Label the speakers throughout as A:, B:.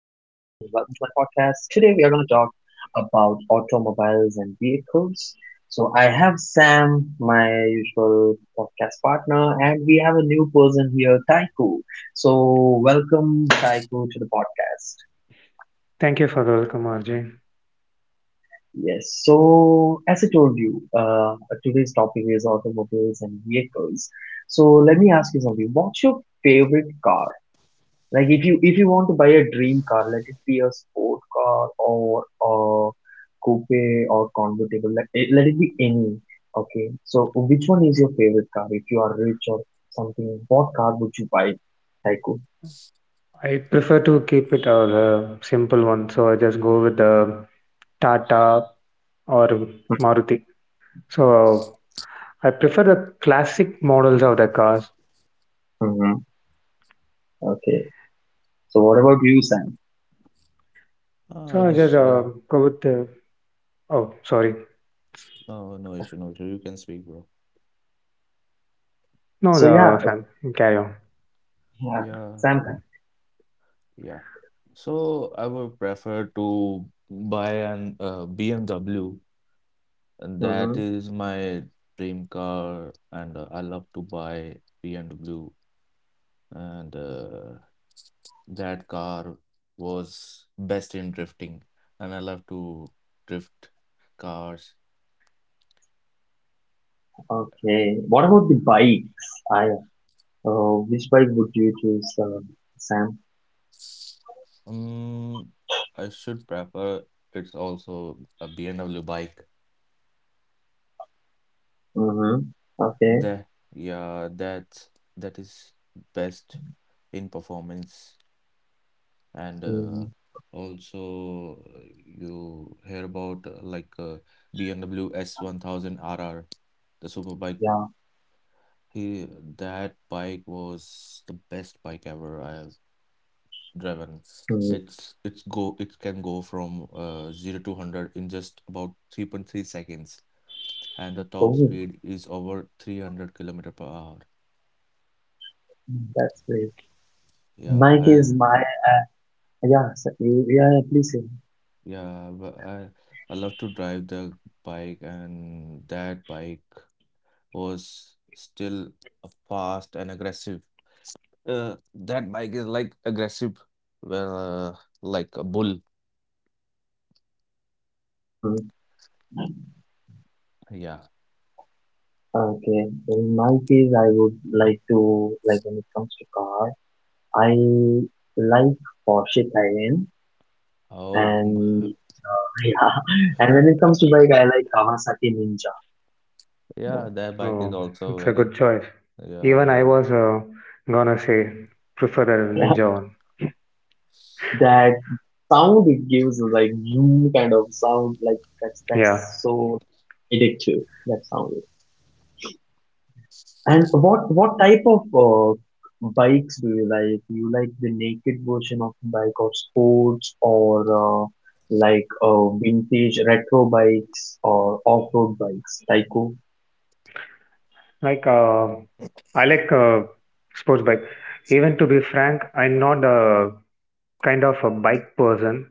A: To my podcast. Today we are going to talk about automobiles and vehicles. So I have Sam, my usual podcast partner, and we have a new person here, Taiku. So welcome Taiku to the podcast.
B: Thank you for the welcome, RJ.
A: Yes, so as I told you, today's topic is automobiles and vehicles. So let me ask you something. What's your favorite car? Like if you want to buy a dream car, let it be a sport car or a coupe or convertible, let it be any. Okay, so which one is your favorite car? If you are rich or something, what car would you buy? Haiku.
B: I prefer to keep it a simple one, so I just go with the Tata or Maruti. So I prefer the classic models of the cars.
A: Hmm. Okay. So what about you, Sam?
B: So I just
C: Just
B: go with the. Oh, sorry.
C: no, no issue, no issue. You can speak, bro.
B: No,
A: So yeah,
B: the Sam. Carry on.
A: yeah,
C: Yeah,
A: Sam.
C: yeah. So I would prefer to buy an BMW, and
A: Hmm.
C: that is my dream car, and I love to buy BMW, and that car was best in drifting, and I love to drift cars.
A: Okay. What about the bikes? I Which bike would you choose, Sam?
C: Um, I should prefer it's also a BMW bike.
A: Mm-hmm. Okay.
C: The yeah, that that is best in performance, and
A: Mm,
C: also you hear about BMW S1000RR, the super bike.
A: yeah.
C: He That bike was the best bike ever I have driven.
A: Mm.
C: It can go from 0 to 100 in just about 3.3 seconds, and the top
A: Oh.
C: speed is over 300 kilometer per hour.
A: Mm, that's great. My case,
C: Yeah.
A: my Yeah, yeah, yeah, please say.
C: Yeah, but I love to drive the bike, and that bike was still a fast and aggressive. That bike is like aggressive, uh, like a bull.
A: Mm-hmm.
C: Yeah.
A: Okay. In my case, I would like to, like when it comes to car, I like Porsche Cayenne,
C: Oh,
A: and yeah, and when it comes to bike,
C: uh,
A: I like Kawasaki Ninja more.
C: yeah. That
B: Oh,
C: bike is
B: it's a
C: also
B: good
C: very.
B: choice. Even I
C: Yeah, yeah.
B: was gonna say prefer the Ninja one.
A: That sound it gives is like zoom kind of sound, like that's
B: Yeah,
A: that's so addictive. That sound. And what type of bikes do you like? You like the naked version of bike or sports or like vintage retro bikes or off-road bikes, Tyco?
B: like uh, I like sports bike. Even to be frank, I'm not a kind of a bike person.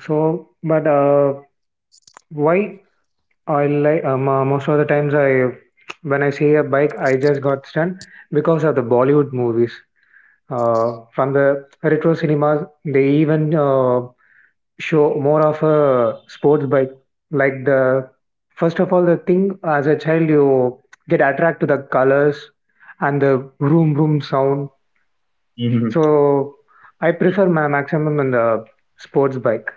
B: So, but why I like most of the times I when I see a bike, I just got stunned because of the Bollywood movies. From the retro cinemas, they even show more of a sports bike. Like the first of all, the thing as a child you get attracted to the colors and the vroom vroom sound.
A: Mm-hmm,
B: So I prefer my maximum in the sports bike.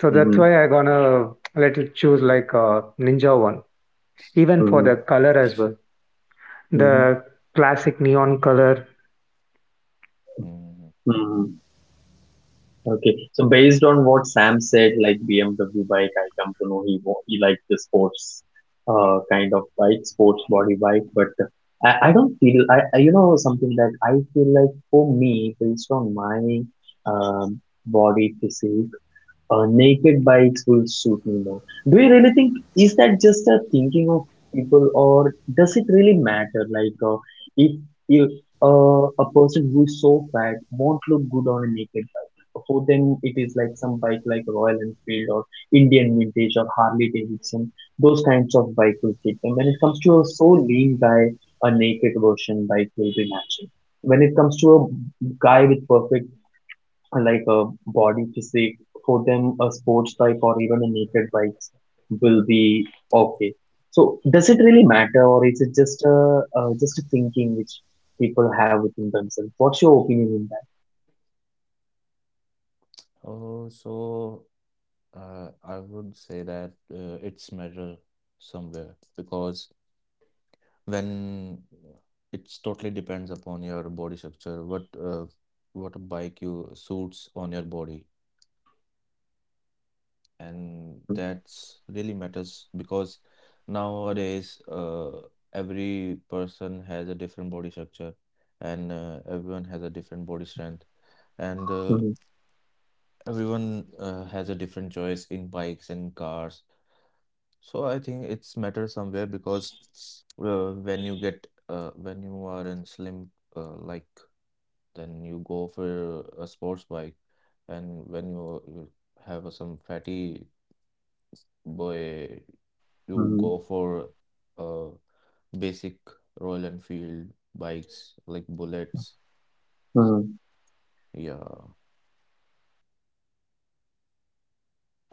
B: So that's
A: mm-hmm,
B: why I gonna let you choose like a ninja one. Even for
A: mm-hmm,
B: the color as well, the classic neon color.
C: Mm.
A: mm-hmm. Okay, so based on what Sam said, like BMW bike, I come to know he liked the sports, kind of bike, sports body bike. But I don't feel I you know something that I feel like for me based on my um, body physique, naked bikes will suit me more. Do you really think is that just a thinking of people, or does it really matter? Like, if you a person who is so fat won't look good on a naked bike, so then it is like some bike like Royal Enfield or Indian Vintage or Harley Davidson. Those kinds of bike will fit them. When it comes to a so lean guy, a naked version bike will be natural. When it comes to a guy with perfect, like a body physique, for them a sports bike or even a naked bikes will be okay. So does it really matter, or is it just a, thinking which people have within themselves? What's your opinion in
C: Oh, so I would say that it's measure somewhere because When it's totally depends upon your body structure, what bike you suits on your body,
A: that? Mm-hmm.
C: and that's really matters because nowadays every person has a different body structure, and everyone has a different body strength, and everyone has a different choice in bikes and cars. So I think it's matter somewhere because when you are in slim, like, then you go for a sports bike. And when you have some fatty boy, you
A: Mm-hmm.
C: go for uh basic Royal Enfield bikes like bullets,
A: Mm-hmm.
C: yeah.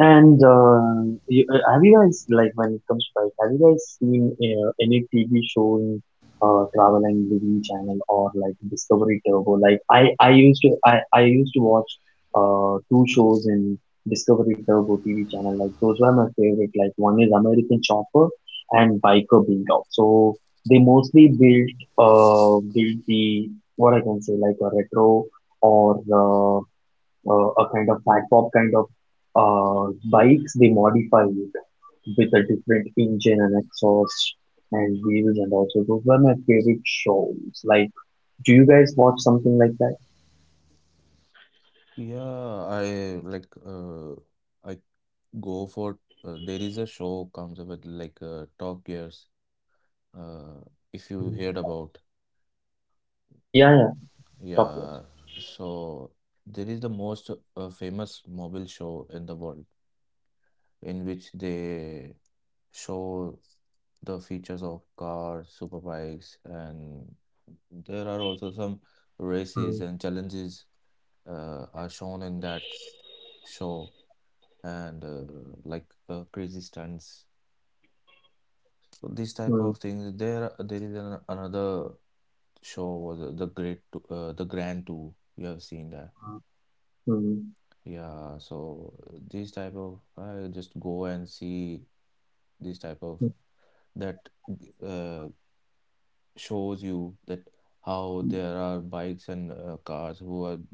A: And have you guys, like when it comes to bike, have you guys seen any TV show in Travel and Living Channel or like Discovery Turbo? Like I used to watch two shows in Discovery Turbo TV channel. Like those were my favorite. Like one is American Chopper and Biker Bulldog. So they mostly built the, what I can say, like a retro or a kind of fat pop kind of bikes. They modify it with a different engine and exhaust and wheels, and also those were my favorite shows. Like, do you guys watch something like that?
C: Yeah, I like, I go for, there is a show comes up with like, Top Gears, uh if you
A: Mhm.
C: heard about.
A: Yeah, yeah, top tier.
C: Yeah, so there is the most famous mobile show in the world, in which they show the features of cars, superbikes, and there are also some
A: Mm,
C: races and challenges are shown in that show. And crazy stunts. So this type
A: mm,
C: of things. There is an, another show was the the Grand Tour. You have seen that,
A: mm,
C: yeah. So this type of I just go and see this type of that uh, shows you that how there are bikes and cars who are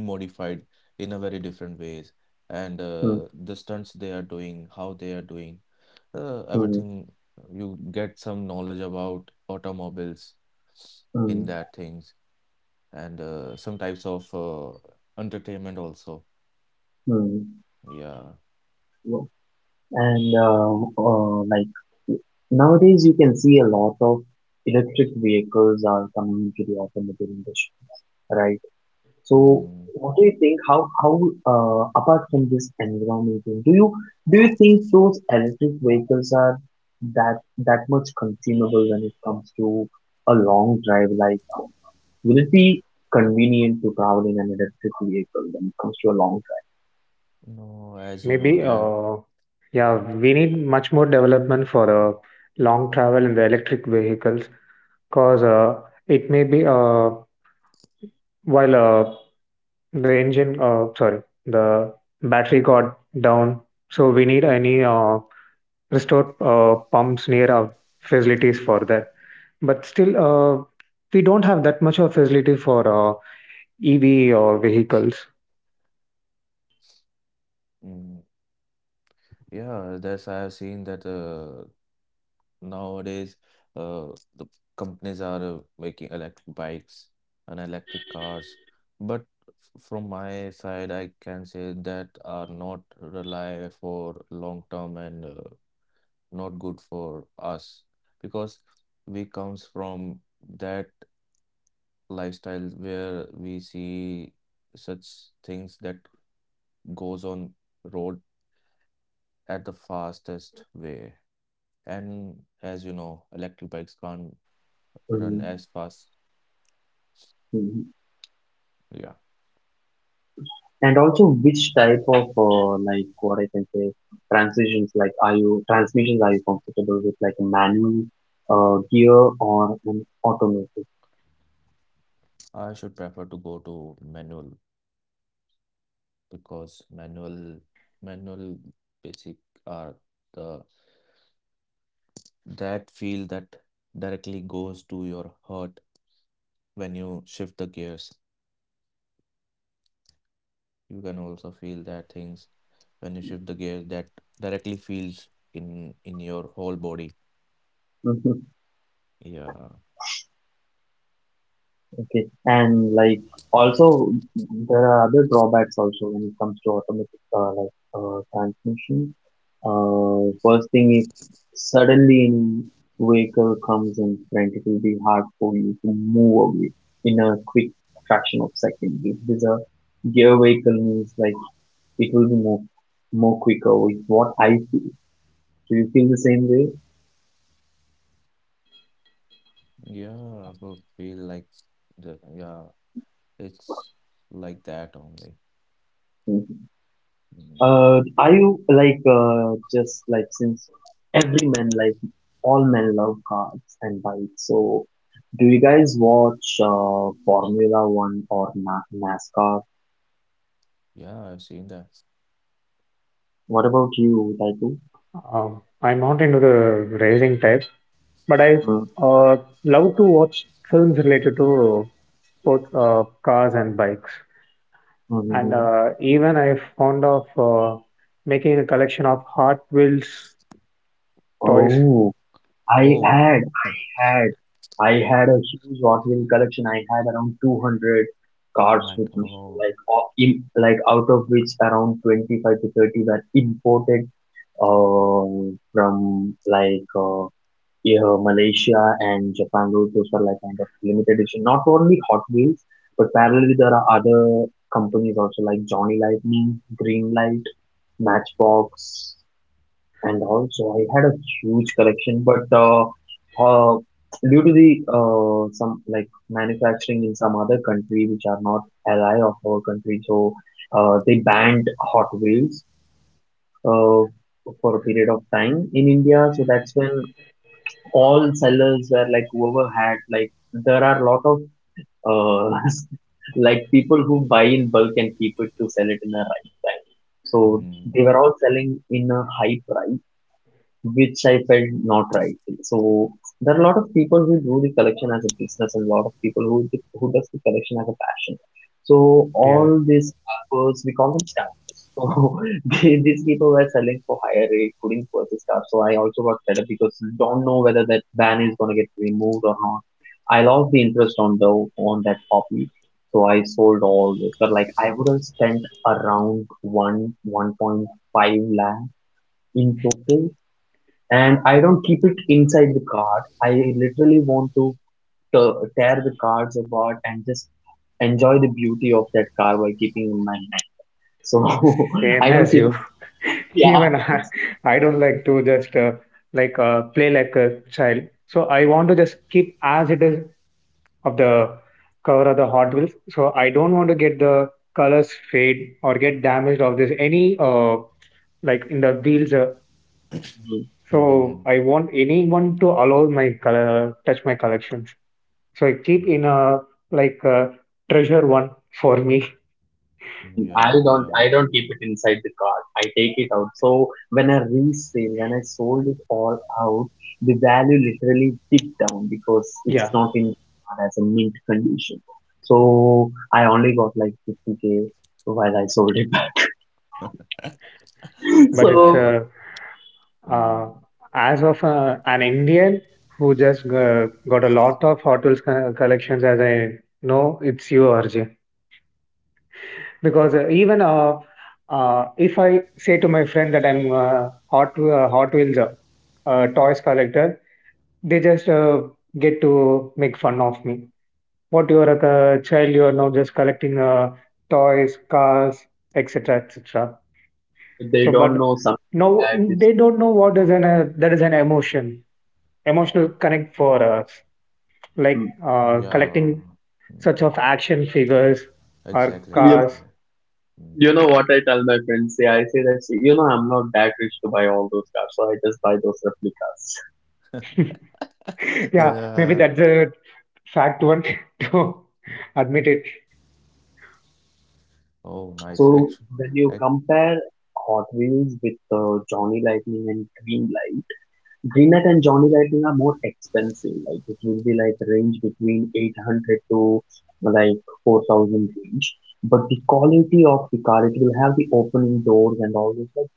C: been modified in a very different ways, and
A: mm, mm,
C: the stunts they are doing, how they are doing
A: mm,
C: everything. You get some knowledge about automobiles
A: mm,
C: in that things, and some types of entertainment also,
A: mm.
C: yeah.
A: Wo- And like nowadays, you can see a lot of electric vehicles are coming into the automotive industry, right? So,
C: Mm.
A: what do you think? How apart from this environment thing, do you think those electric vehicles are that that much consumable when it comes to a long drive? Like, will it be convenient to travel in an electric vehicle when it comes to a long
C: No, as you
B: Maybe
C: know that,
B: uh, yeah,
C: yeah.
B: we need much more development for long travel in the electric vehicles, cause it may be while the engine sorry the battery got down, so we need any restored pumps near our facilities for that. But still, we don't have that much of facility for EV or vehicles.
C: Mm, yeah, that's I have seen that. Nowadays, uh, the companies are making electric bikes and electric cars, but from my side, I can say that are not rely for long term, and not good for us because we comes from that lifestyle where we see such things that goes on road at the fastest way. And as you know, electric bikes can't
A: drive? Mm-hmm.
C: run as fast. Yeah,
A: And also, which type of like what I can say, transitions, like are you transmissions, are you comfortable with like a manual, gear or an automatic?
C: I should prefer to go to manual because manual basic are the that feel that directly goes to your heart when you shift the gears. You can
A: Mm-hmm.
C: also feel that things when you shift the gears that directly feels in your whole body. Yeah,
A: Okay. And like also there are other drawbacks also when it comes to automatic, like transmission. First thing is, suddenly any vehicle comes in front, it will be hard for you to move away in a quick fraction of second. If it is a gear vehicle means, like it will be more quicker with what I feel. Do you feel the same way?
C: yeah, but feel like the yeah, it's like that only.
A: Hmm.
C: Mm.
A: Are you like, just like since every man, like all men love cars and bikes, so do you guys watch Formula One or Na NASCAR?
C: Yeah, I've seen that.
A: What about you, Taiku?
B: I'm not into the racing type, but I uh, love to watch films related to both cars and bikes. And
A: Mm-hmm.
B: even I fond of making a collection of Hot Wheels toys.
A: Oh, I
C: Oh.
A: had. had I had a huge Hot Wheel collection. I had around 200
C: Oh
A: cars with
C: my
A: me,
C: God.
A: like out of which around 25 to 30 were imported, from yeah, Malaysia and Japan. Those are like kind of limited edition. Not only Hot Wheels, but parallelly there are other companies also like Johnny Lightning, Greenlight, Matchbox, and also I had a huge collection, but uh, due to the some like manufacturing in some other country which are not ally of our country, so they banned Hot Wheels uh, for a period of time in India. So that's when all sellers were like, whoever had, like there are a lot of uh, like people who buy in bulk and keep it to sell it in a right time. So they were
C: Mm.
A: all selling in a high price which I felt not right. So there are a lot of people who do the collection as a business, and a lot of people who who does the collection as a passion. So
B: Yeah,
A: all these staffers, we call them staffers. So these people were selling for higher rate, putting for the stuff. So I also got fed up because don't know whether that ban is gonna get removed or not. I lost the interest on the on that hobby. So I sold all this. But like I would have spent around 1.5 lakh in total, and I don't keep it inside the card. I literally want to tear the cards apart and just enjoy the beauty of that card by keeping in my hand. So
B: same
A: I don't
B: as
A: keep,
B: you.
A: yeah.
B: even I, I don't like to just play like a child. So I want to just keep as it is of the cover of the Hot Wheels. So I don't want to get the colors fade or get damaged of this any like in the wheels.
A: Mm,
C: Mhm. Hı hı
B: So
C: hı.
B: I want anyone to allow my color touch my collections. So I keep in
C: Hımm.
B: a like a treasure one for me.
A: mm,
C: Ya,
A: I don't I
C: ya.
A: don't keep it inside the card. I take it out. So when I sold it all out, the value literally dipped down because it's
B: Yeah,
A: not in as a mint condition. So I only got like 50K while I sold it.
B: but it's
A: So,
B: uh,
C: The
B: uh
C: mm,
B: as of an Indian who just got a lot of collections, as I know, it's you, Arjun. Because, if I say to my friend that I'm a Hot Wheels, toys collector, they just, get to make fun of me. "What, you are like a child, you are now just collecting, toys, cars, et cetera, et cetera."
A: they
B: So,
A: don't
B: but
A: know something
B: now
A: that is.
B: they don't know what is that is an emotion, emotional connect for us,
A: Mm.
B: collecting
C: yeah.
B: such of
C: Mm.
B: action figures or
C: Exactly,
A: You,
B: cars.
C: exactly. Mm.
A: you know what I tell my friends? Yeah, I say that, "See, you know, I'm not that rich to buy all those cars, so I just buy those replicas."
B: Yeah, maybe
C: Yeah.
B: that's the fact one to admit it.
C: Oh, nice.
A: So
C: Actually.
A: when you
C: Ac
A: compare Hot Wheels with Johnny Lightning and Green Light, Green Light and Johnny Lightning are more expensive. Like it will be like range between 800 to like 4,000 range. But the quality of the car, it will have the opening doors and all this. Like,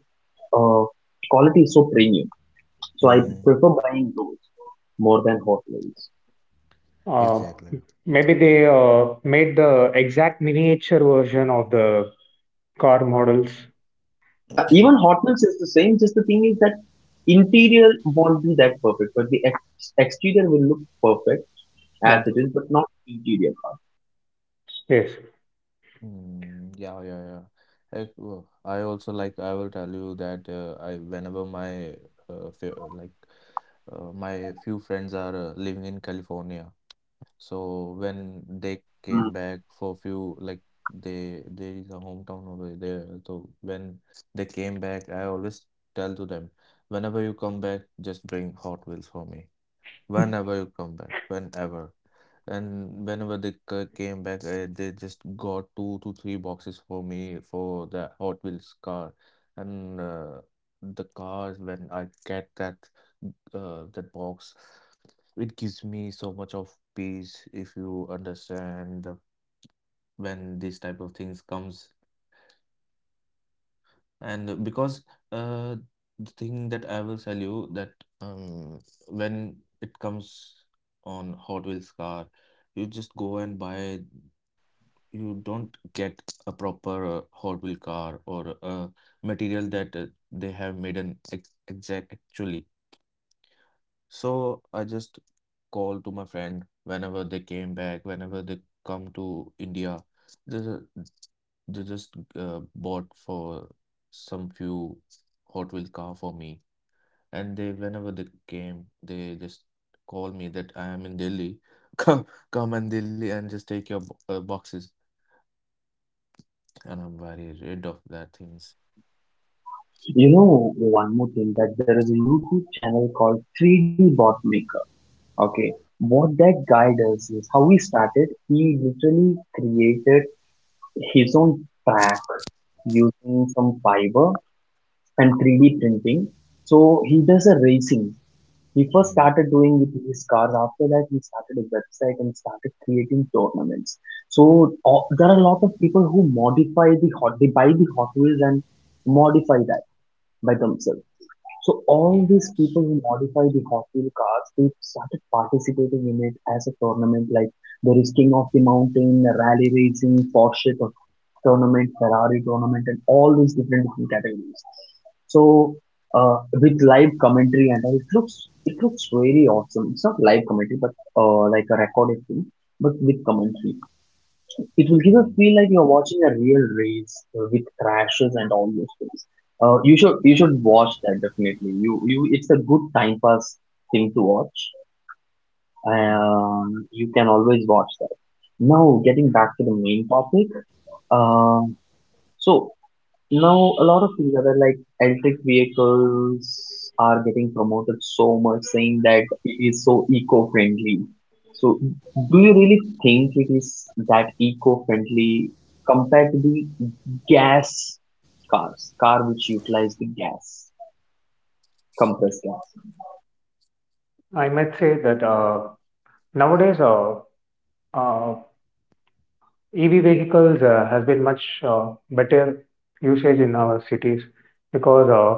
A: uh, quality is so premium. So I
C: Mm,
A: prefer buying those more than hot meals.
B: Uh,
C: exactly.
B: Maybe they made the exact miniature version of the car models.
A: Yeah, even hot meals is the same. Just the thing is that interior won't be that perfect, but the exterior will look perfect
B: Yeah,
A: as it is, but not interior part.
B: yes.
C: Mm, yeah, yeah, yeah. I also, like, I will tell you that, I whenever my, uh, f like, my few friends are, living in California. So when they came
A: Mm.
C: back for few like they there is a hometown over there. So when they came back, I always tell to them, whenever you come back, just bring Hot Wheels for me. Whenever you come back, whenever. And whenever they came back, they just got two to three boxes for me for the Hot Wheels car. And the cars, when I get that that box, it gives me so much of peace, if you understand the, when this type of things comes. And because uh, the thing that I will tell you that um, when it comes on Hot Wheels car, you just go and buy. You don't get a proper Hot Wheel car or a material that they have made an ex exact actually. So I just call to my friend whenever they came back, whenever they come to India, they, ju- they just bought for some few Hot Wheel car for me. And they, whenever they came, they just call me that I am in Delhi. Come, come and Delhi and just take your boxes. And I'm very rid of that things.
A: You know, one more thing, that there is a YouTube channel called 3D Bot Maker. Okay, what that guy does is how he started. He literally created his own track using some fiber and 3D printing. So he does a racing. He first
C: Mhm.
A: started doing with his cars. After that, he started a website and started creating tournaments. So there are a lot of people who modify the, they buy the Hot Wheels and modify that by themselves. So all these
C: Yes.
A: people who modify the Hot Wheel cars, they started participating in it as a tournament. Like there is King of the Mountain, Rally Racing, Porsche tournament, Ferrari tournament, and all these different categories. So with live commentary and all, it looks very awesome. It's not live commentary, but like a recorded thing, but with commentary it will give a
C: Mm-hmm.
A: feel like you're watching a real race, with crashes and all those things. You should watch that definitely. You It's a good time pass thing to watch. You can always watch that. Now getting back to the main topic. Uh, so now, a lot of these other like electric vehicles are getting promoted so much, saying that it is so eco-friendly. So, do you really think it is that eco-friendly compared to the gas cars, car which utilize the gas, compressed gas?
B: I might say that nowadays uh, EV vehicles has been much better usage in our cities because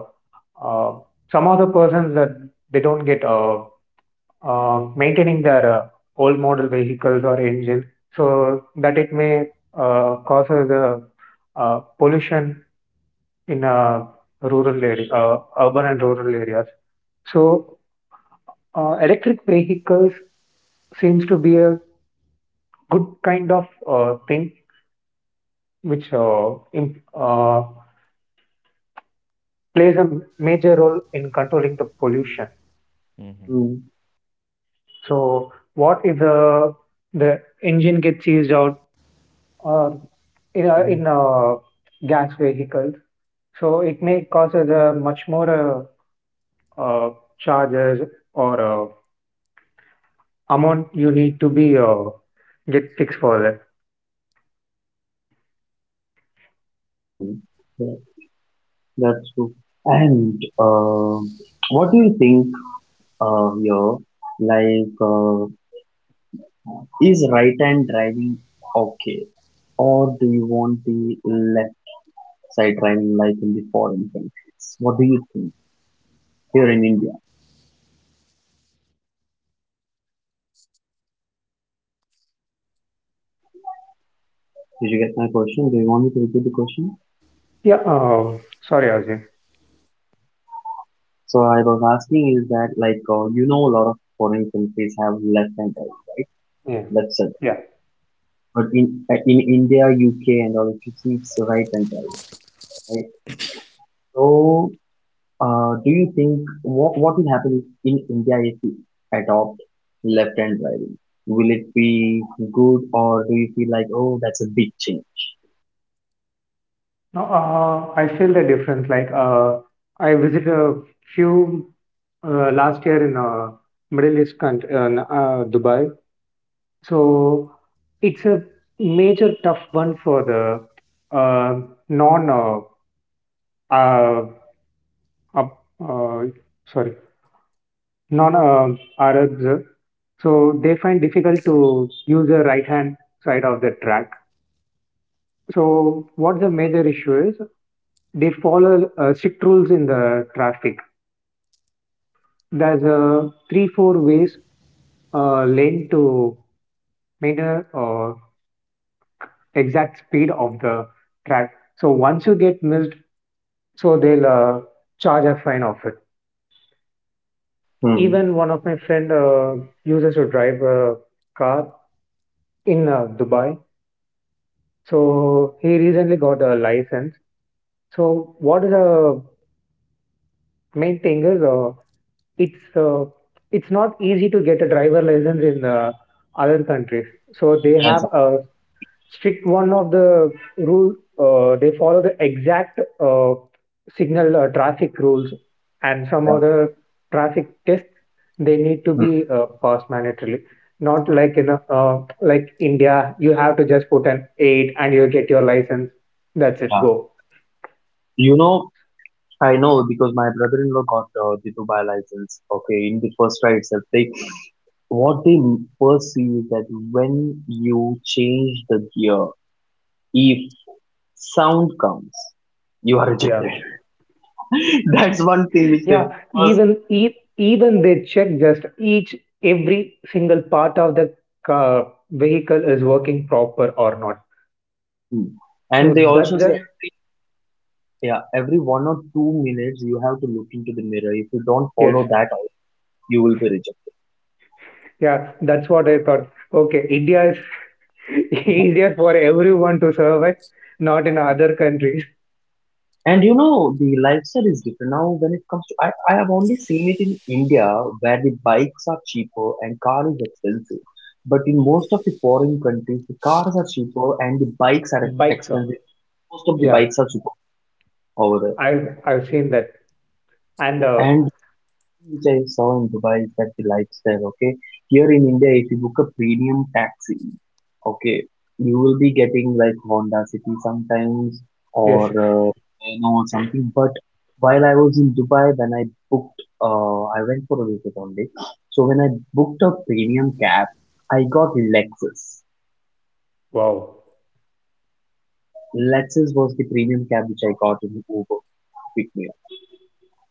B: uh, some of the persons that they don't get maintaining their old model vehicles or engines so that it may causes pollution in rural area, urban and rural areas. So electric vehicles seems to be a good kind of thing which plays a major role in controlling the pollution.
C: Mm-hmm.
A: Hmm.
B: So what if the the engine gets seized out uh, in
A: Mhm.
B: in a gas vehicles. So it may cause us a much more uh, uh, charges or amount you need to be get fixed for that.
A: Hmm. Yeah, that's true. And what do you think here? Like, is right-hand driving okay, or do you want the left-side driving like in the foreign countries? What do you think here in India? Did you get my question? Do you want me to repeat the question?
B: Yeah. Sorry, Ajay.
A: So I was asking is that like you know a lot of foreign countries have left-hand driving, right?
B: Yeah.
A: Left-side.
B: Yeah.
A: But in India, UK, and all, it keeps right-hand driving, right? So do you think what will happen in India if we adopt left-hand driving? Will it be good or do you feel like, oh, that's a big change?
B: No, I feel the difference. I visited a few last year in Middle East country, Dubai. So it's a major tough one for the uh, non uh, uh, up- uh, sorry, non Arabs, so they find difficult to use the right hand side of the track. So what the major issue is, they follow strict rules in the traffic. There's a three four ways lane to maintain exact speed of the track. So once you get missed, so they'll charge a fine of it.
A: Hmm.
B: Even one of my friend uses to drive a car in Dubai. So he recently got a license. So what is the main thing is it's uh, it's not easy to get a driver license in other countries. So they have
A: Yes,
B: a strict one of the rule. They follow the exact signal traffic rules and some
A: yeah.
B: other traffic tests. They need to
A: Hmm,
B: be passed mandatorily. Not like in like India, you have to just put an eight and you get your license. That's it.
A: yeah.
B: Go.
A: You know, I know because my brother-in-law got the Dubai license. Okay, in the first try itself, they what they first see is that when you change the gear, if sound comes, you are
B: Yeah.
A: rejected. That's one thing which they
B: Yeah,
A: first.
B: even they check just each every single part of the vehicle is working proper or not.
A: Hmm.
B: So
A: And they also say,
B: that
A: yeah, every 1 or 2 minutes you have to look into the mirror. If you don't
B: yes.
A: follow that, out, you will be rejected.
B: Yeah, that's what I thought. Okay, India is easier for everyone to survive, not in other countries.
A: And you know, the lifestyle is different now when it comes to. I have only seen it in India where the bikes are cheaper and car is expensive. But in most of the foreign countries, the cars are cheaper and the bikes are
B: Bike shop.
A: expensive. Most of the
B: Yeah,
A: bikes are cheaper over
B: I've seen that. And
A: there. And which I saw in Dubai is that the lifestyle, okay? Here in India, if you book a premium taxi, okay, you will be getting like Honda City sometimes
B: yes,
A: or you know something. But while I was in Dubai, when I booked, I went for a visit only. So when I booked a premium cab, I got Lexus.
B: wow.
A: Lexus was the premium cab which I got in Uber. Pick me.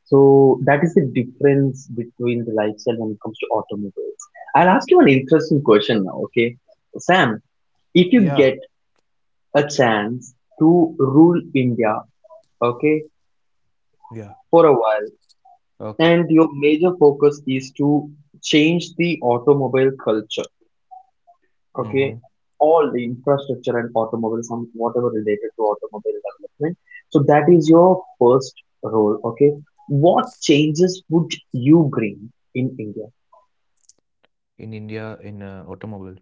A: So that is the difference between the lifestyle when it comes to automobiles. I'll ask you an interesting question now, okay? Sam, if you
C: Yeah.
A: get a chance to rule India, okay,
C: Yeah.
A: for a while,
C: Okay.
A: and your major focus is to change the automobile culture,
C: Mm-hmm.
A: okay? All the infrastructure and automobiles and whatever related to automobile development. So that is your first role, okay? What changes would you bring in India?
C: In India, in automobile,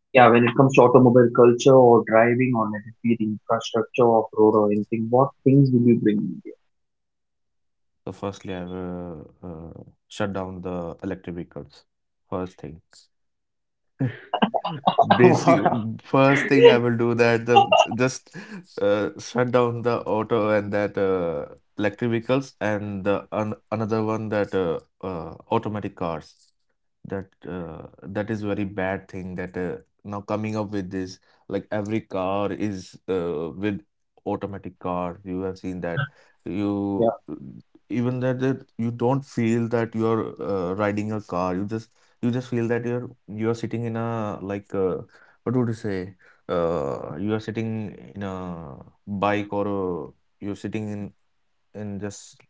A: Yeah, when it comes to automobile culture or driving or let it be the infrastructure of road or anything, what things will you bring in
C: so firstly, I will shut down the electric vehicles. First thing. Basic
B: I
C: first thing I will do that the just shut down the auto and that electric vehicles, and the an another one that automatic cars. That that is very bad thing that now coming up with this, like every car is with automatic car. You have seen that
A: India?
C: you, even that, that you don't feel that you are riding a car. You just feel that you're sitting in a like what would you say you are sitting in a bike or you're sitting in just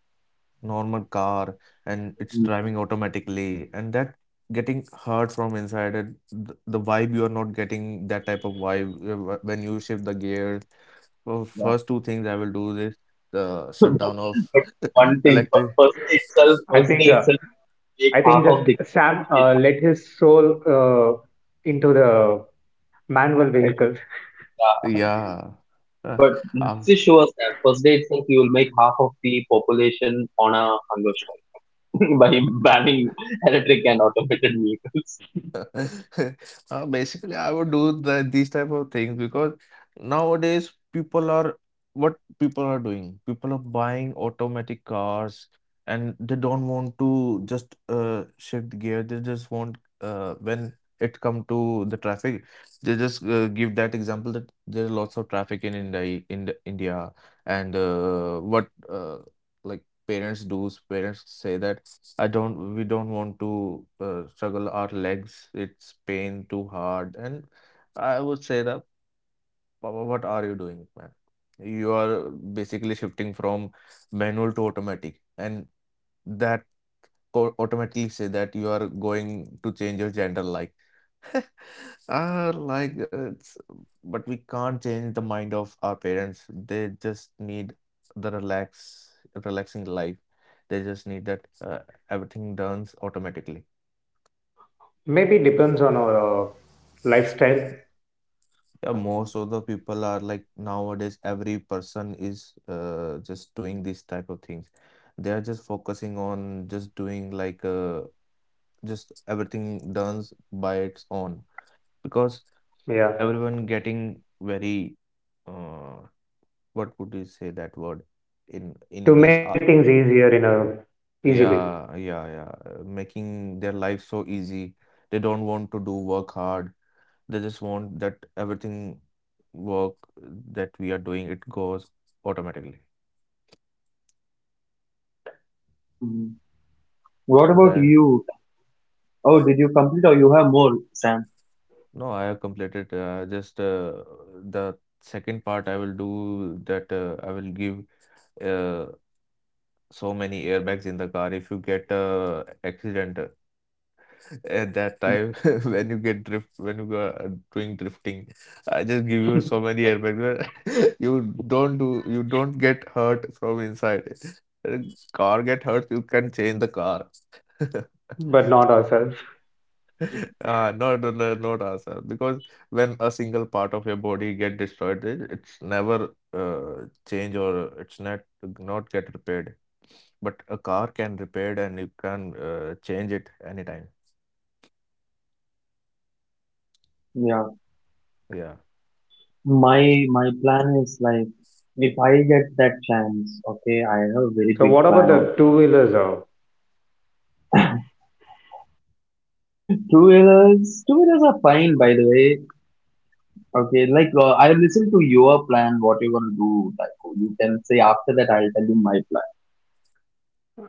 C: normal car, and it's
A: Yeah, mm,
C: driving automatically, and that getting hurt from inside, and the vibe you are not getting, that type of vibe when you shift the gear. Well,
A: yeah.
C: first two things I will do is the
A: but,
C: shutdown of
A: but one thing,
C: electric.
A: first
B: think
A: day
B: uh,
A: itself, make
B: I
A: half
B: think
A: of the,
B: just Sam let his soul into the manual
A: yeah.
B: vehicles.
C: Yeah. Uh,
A: But
C: af-
A: this is sure that first day itself, you will make half of the population on a hunger strike by banning electric and automated vehicles.
C: Basically, I would do the, these type of things because nowadays people are, what people are doing. People are buying automatic cars, and they don't want to just shift gear. They just want when it come to the traffic, they just give that example that there are lots of traffic in India, in India, and what like parents do. Parents say that. I don't, we don't want to struggle our legs. It's pain too hard. And I would say that, "Papa, what are you doing, man? You are basically shifting from manual to automatic. And that automatically say that you are going to change your gender like it's, but we can't change the mind of our parents. They just need the relax, relaxing life. They just need that everything done automatically.
B: Maybe depends on our lifestyle.
C: Yeah,
A: Yeah.
C: most of the people are like nowadays. Every person is just doing these type of things. They are just focusing on just doing like just everything done by its own because
B: Yeah,
C: everyone getting very. Uh, what would you say that word in
B: to
C: English?
B: make things easier in a easy way,
C: Yeah, yeah, yeah. Making their life so easy. They don't want to do work hard. They just want that everything work that we are doing, it goes automatically.
A: Mhm. What
C: So
A: about
C: there.
A: you? Oh, did you complete or you have more, Sam?
C: No, I have completed just the second part. I will do that. I will give uh, so many airbags in the car. If you get a accident, at that time when you get drift, when you are doing drifting, I just give you so many airbags where you don't do you don't get hurt from inside. Uh, Car get hurt, you can change the car.
B: but not ourselves.
A: Mhm.
C: Not not not ourselves because when a single part of your body get destroyed, it's never uh, change, or it's not get repaired, but a car can repaired, and you can change it anytime,
A: Yeah.
C: yeah.
A: My my plan is like if I get that chance, okay, I have a very
B: So
A: big
B: what
A: plan
B: about
A: on
B: the two wheelers?
A: two wheelers. Two wheelers are fine, by the way. Okay, like I listen to your plan, what you're gonna do. Like you can say after that, I'll tell you my plan.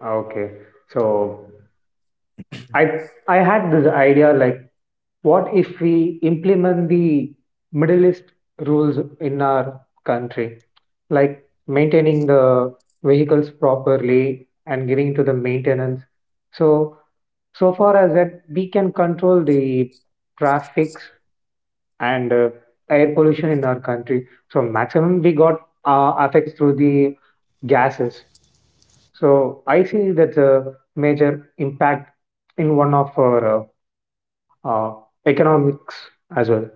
B: Okay. So I I had this idea like what if we implement the Middle East rules in our country? Like maintaining the vehicles properly and giving to the maintenance. So so far as that we can control the traffics and air pollution in our country. So maximum we got affects through the gases. So I see that's a major impact in one of our uh, uh, economics as well.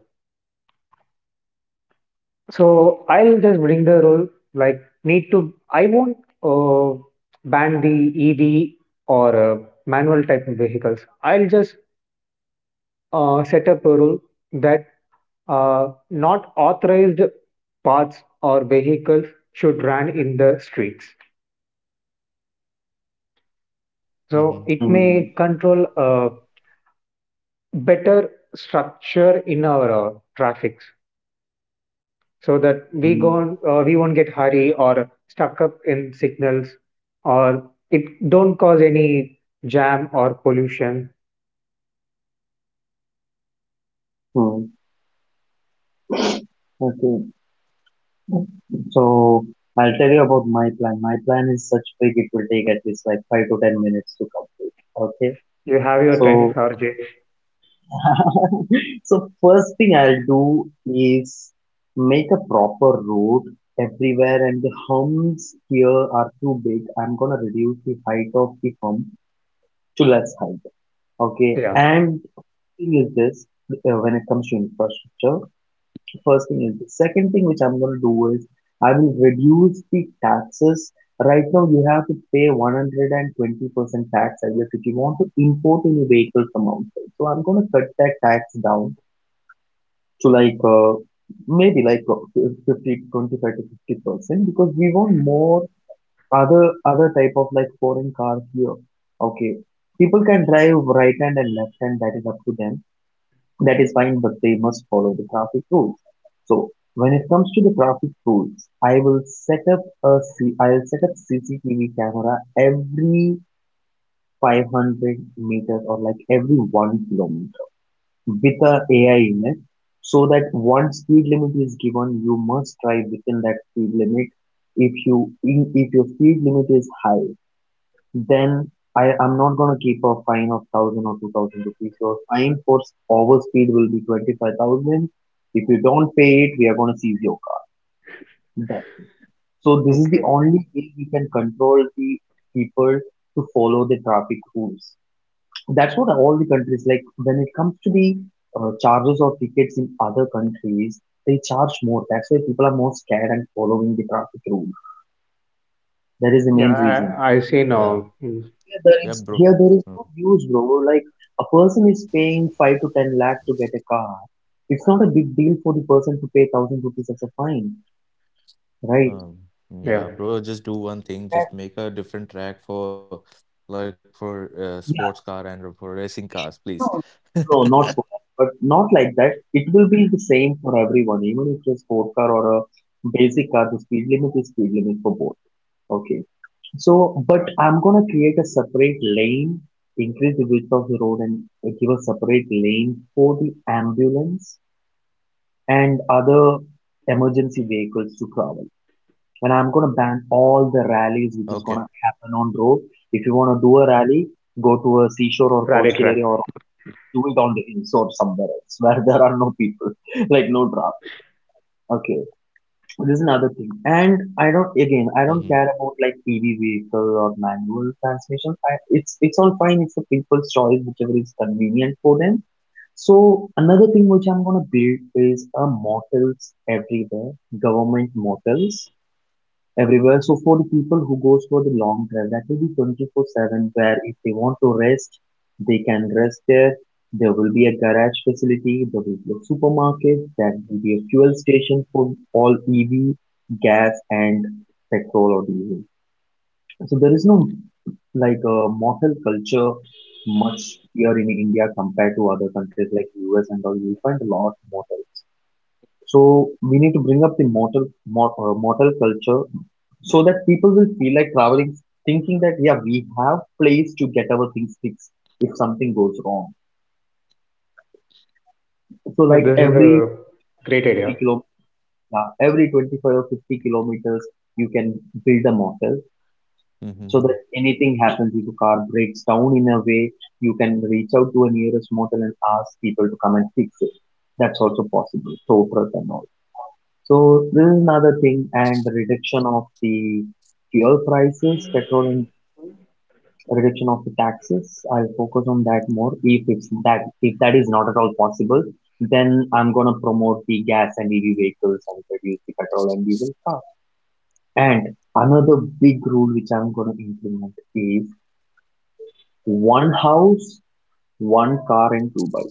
B: So I'll just bring the role like need to. I won't uh, ban the EV or manual type of vehicles. I'll just set up a rule that not authorized parts or vehicles should run in the streets.
C: Mm-hmm.
B: So it
A: Mm,
B: may control better structure in our traffics so that we
A: mm,
B: go we won't get hurry or stuck up in signals or it don't cause any jam or pollution.
A: mm. Okay. So I'll tell you about my plan. My plan is such big it will take at least like 5 to 10 minutes to complete. Okay.
B: You have your time,
A: So
B: RJ.
A: so first thing I'll do is make a proper road everywhere and the humps here are too big. I'm gonna reduce the height of the hump to less height. Okay.
B: Yeah,
A: And thing is this when it comes to infrastructure, first thing is the second thing which I'm gonna do is I will reduce the taxes. Right now you have to pay 120% tax, I guess, if you want to import any vehicle from outside. So I'm gonna cut that tax down to like maybe like to 50% because we want more other other type of like foreign cars here, okay. People can drive right hand and left hand, that is up to them, that is fine, but they must follow the traffic rules. So when it comes to the traffic rules, I will set up I'll set up cctv camera every 500 meters or like every 1 kilometer with a AI in it, so that one speed limit is given, you must drive within that speed limit. If your speed limit is high, then I am not gonna keep a fine of 1,000 or 2,000 rupees. Your fine for overspeed will be 25,000. If you don't pay it, we are gonna seize your car. Done. So this is the
B: okay,
A: only way we can control the people to follow the traffic rules. That's what all the countries like. When it comes to the charges or tickets in other countries, they charge more. That's why people are more scared and following the traffic rule. That is the
B: yeah,
A: main
B: i,
A: reason.
B: I see
C: Yeah.
B: now. Mm,
A: Here there
C: Yeah,
A: is
C: bro.
A: here there is
C: Uh,
A: no use, bro. Like a person is paying 5 to 10 lakh to get a car. It's not a big deal for the person to pay thousand rupees as a fine, right?
C: Um,
B: yeah.
C: yeah, bro. Just do one thing.
A: That,
C: Just make a different track for like for sports car and
A: yeah,
C: for racing cars, please.
A: no, no, not for that. But not like that. It will be the same for everyone, even if it's a sport car or a basic car. The speed limit is speed limit for both. Okay. So, but I'm gonna create a separate lane, increase the width of the road and give a separate lane for the ambulance and other emergency vehicles to travel. And I'm gonna ban all the rallies which
C: Okay.
A: is gonna happen on road. If you wanna do a rally, go to a seashore or
B: Rally
A: coastal
B: track.
A: area or do it on the inshore somewhere else where there are no people, like no traffic. Okay. This is another thing. And I don't, again, I
C: Mm-hmm.
A: don't care about like EV vehicle or manual transmission. I, it's all fine. It's the people's choice, whichever is convenient for them. So another thing which I'm going to build is a motels everywhere, government motels everywhere. So for the people who goes for the long drive, that will be 24/7, where if they want to rest, they can rest there. There will be a garage facility, there will be a supermarket, that will be a fuel station for all EV, gas and petrol or diesel. So there is no like a motel culture much here in India compared to other countries like US and all. You find a lot of more. So we need to bring up the mortal culture so that people will feel like traveling, thinking that yeah, we have place to get our things fixed if something goes wrong. So
B: Yeah,
A: like
B: this is
A: every
B: a great idea.
A: fifty kilo, yeah, every 25 or 50 kilometers, you can build a mortal
C: Mm-hmm.
A: so that anything happens if a car breaks down in a way, you can reach out to a nearest mortal and ask people to come and fix it. That's also possible. So for us and all. So this is another thing, and the reduction of the fuel prices, petrol and reduction of the taxes. I'll focus on that more. If that is not at all possible, then I'm gonna promote the gas and EV vehicles and reduce the petrol and diesel cars. And another big rule which I'm gonna implement is one house, one car, and two bikes.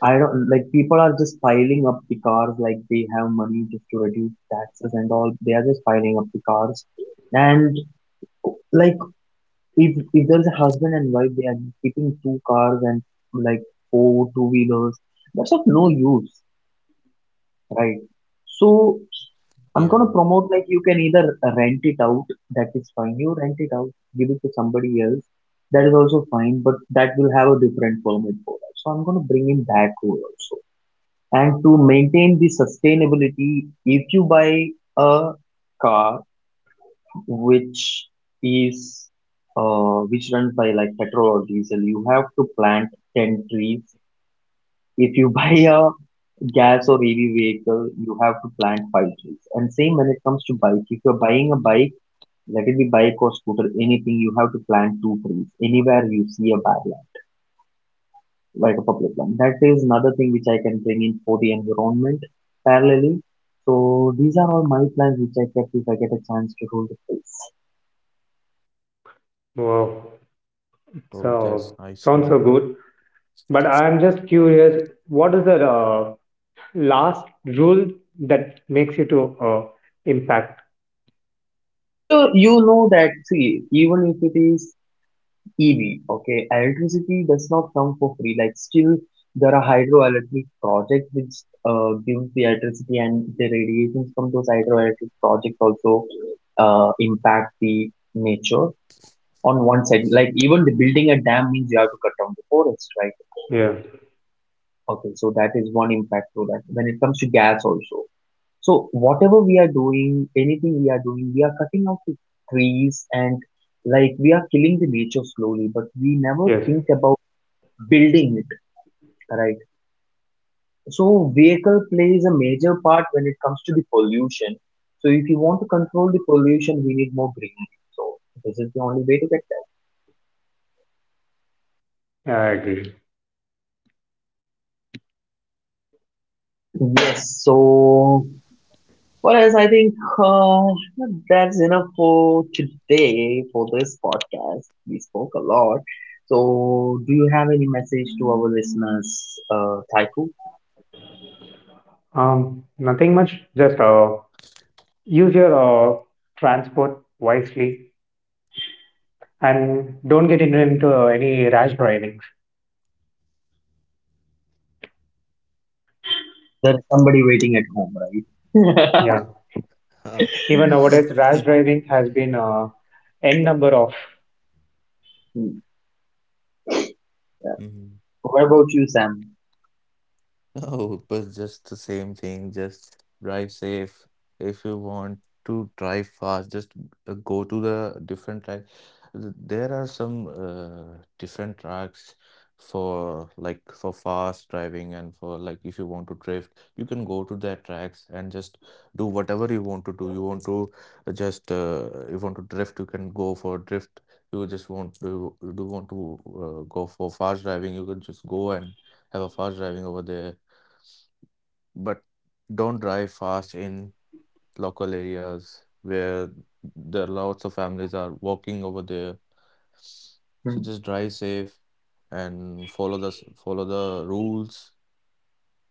A: I don't like people are just piling up the cars like they have money just to reduce taxes and all. They are just piling up the cars. And like if there's a husband and wife, they are keeping two cars and like four two wheelers. That's of no use, right? So I'm
C: Yeah.
A: gonna promote like you can either rent it out, that is fine. You rent it out, give it to somebody else, that is also fine, but that will have a different permit for that. So I'm gonna bring in that rule also. And to maintain the sustainability, if you buy a car which is which runs by like petrol or diesel, you have to plant 10 trees. If you buy a gas or EV vehicle, you have to plant 5 trees. And same when it comes to bike. If you're buying a bike, let it be bike or scooter, anything, you have to plant 2 trees anywhere you see a barrier, like a public land. That is another thing which I can bring in for the environment parallelly. So these are all my plans which I kept if I get a chance to rule the place.
B: Wow,
C: Oh, that's
B: so
C: nice,
B: sounds
C: bro.
B: so good, but I'm just curious what is the last rule that makes you to impact.
A: So you know that, see, even if it is EV, okay, electricity does not come for free. Like still there are hydroelectric projects which gives the electricity and the radiations from those hydroelectric projects also impact the nature on one side. Like even the building a dam means you have to cut down the forest, right?
B: Yeah.
A: Okay, so that is one impact to that. When it comes to gas also. So whatever we are doing, anything we are doing, we are cutting out the trees and like we are killing the nature slowly, but we never
B: Yes.
A: think about building it, right? So vehicle plays a major part when it comes to the pollution. So if you want to control the pollution, we need more greenery. So this is the only way to get
B: Yeah, I agree.
A: that. Yes, so well, as I think that's enough for today for this podcast. We spoke a lot. So, do you have any message to our listeners, Taiku?
B: Nothing much. Just use your transport wisely and don't get into any rash driving.
A: There's somebody waiting at home, right?
B: Yeah. Even nowadays, rash driving has been n number of.
A: Hmm. Yeah.
C: Mm-hmm.
A: What about you, Sam?
C: No, but just the same thing. Just drive safe. If you want to drive fast, just go to the different track. There are some different tracks for like for fast driving, and for like if you want to drift, you can go to that tracks and just do whatever you want to do. You want to just you want to drift, you can go for drift. You just want to you do want to go for fast driving, you can just go and have a fast driving over there, but don't drive fast in local areas where there are lots of families are walking over there.
A: Hmm.
C: So just drive safe and follow the follow the rules,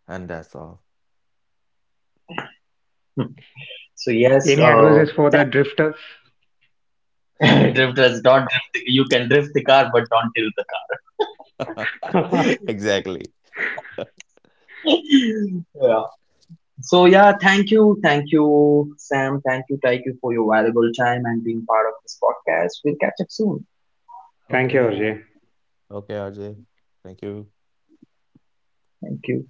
C: and that's all.
A: Hmm. So yes,
B: Any advices for the drifters?
C: Sorry.
A: drifters don't drift. You can drift the car, but don't tilt the
B: Thank
A: car.
C: Exactly.
A: Yeah. So yeah, thank you, Sam. Thank you, Taiku, for your valuable time and being part of this podcast. We'll catch up soon.
B: you,
C: Okay.
B: Ajay.
C: Okay, RJ. Thank you.
A: Thank you.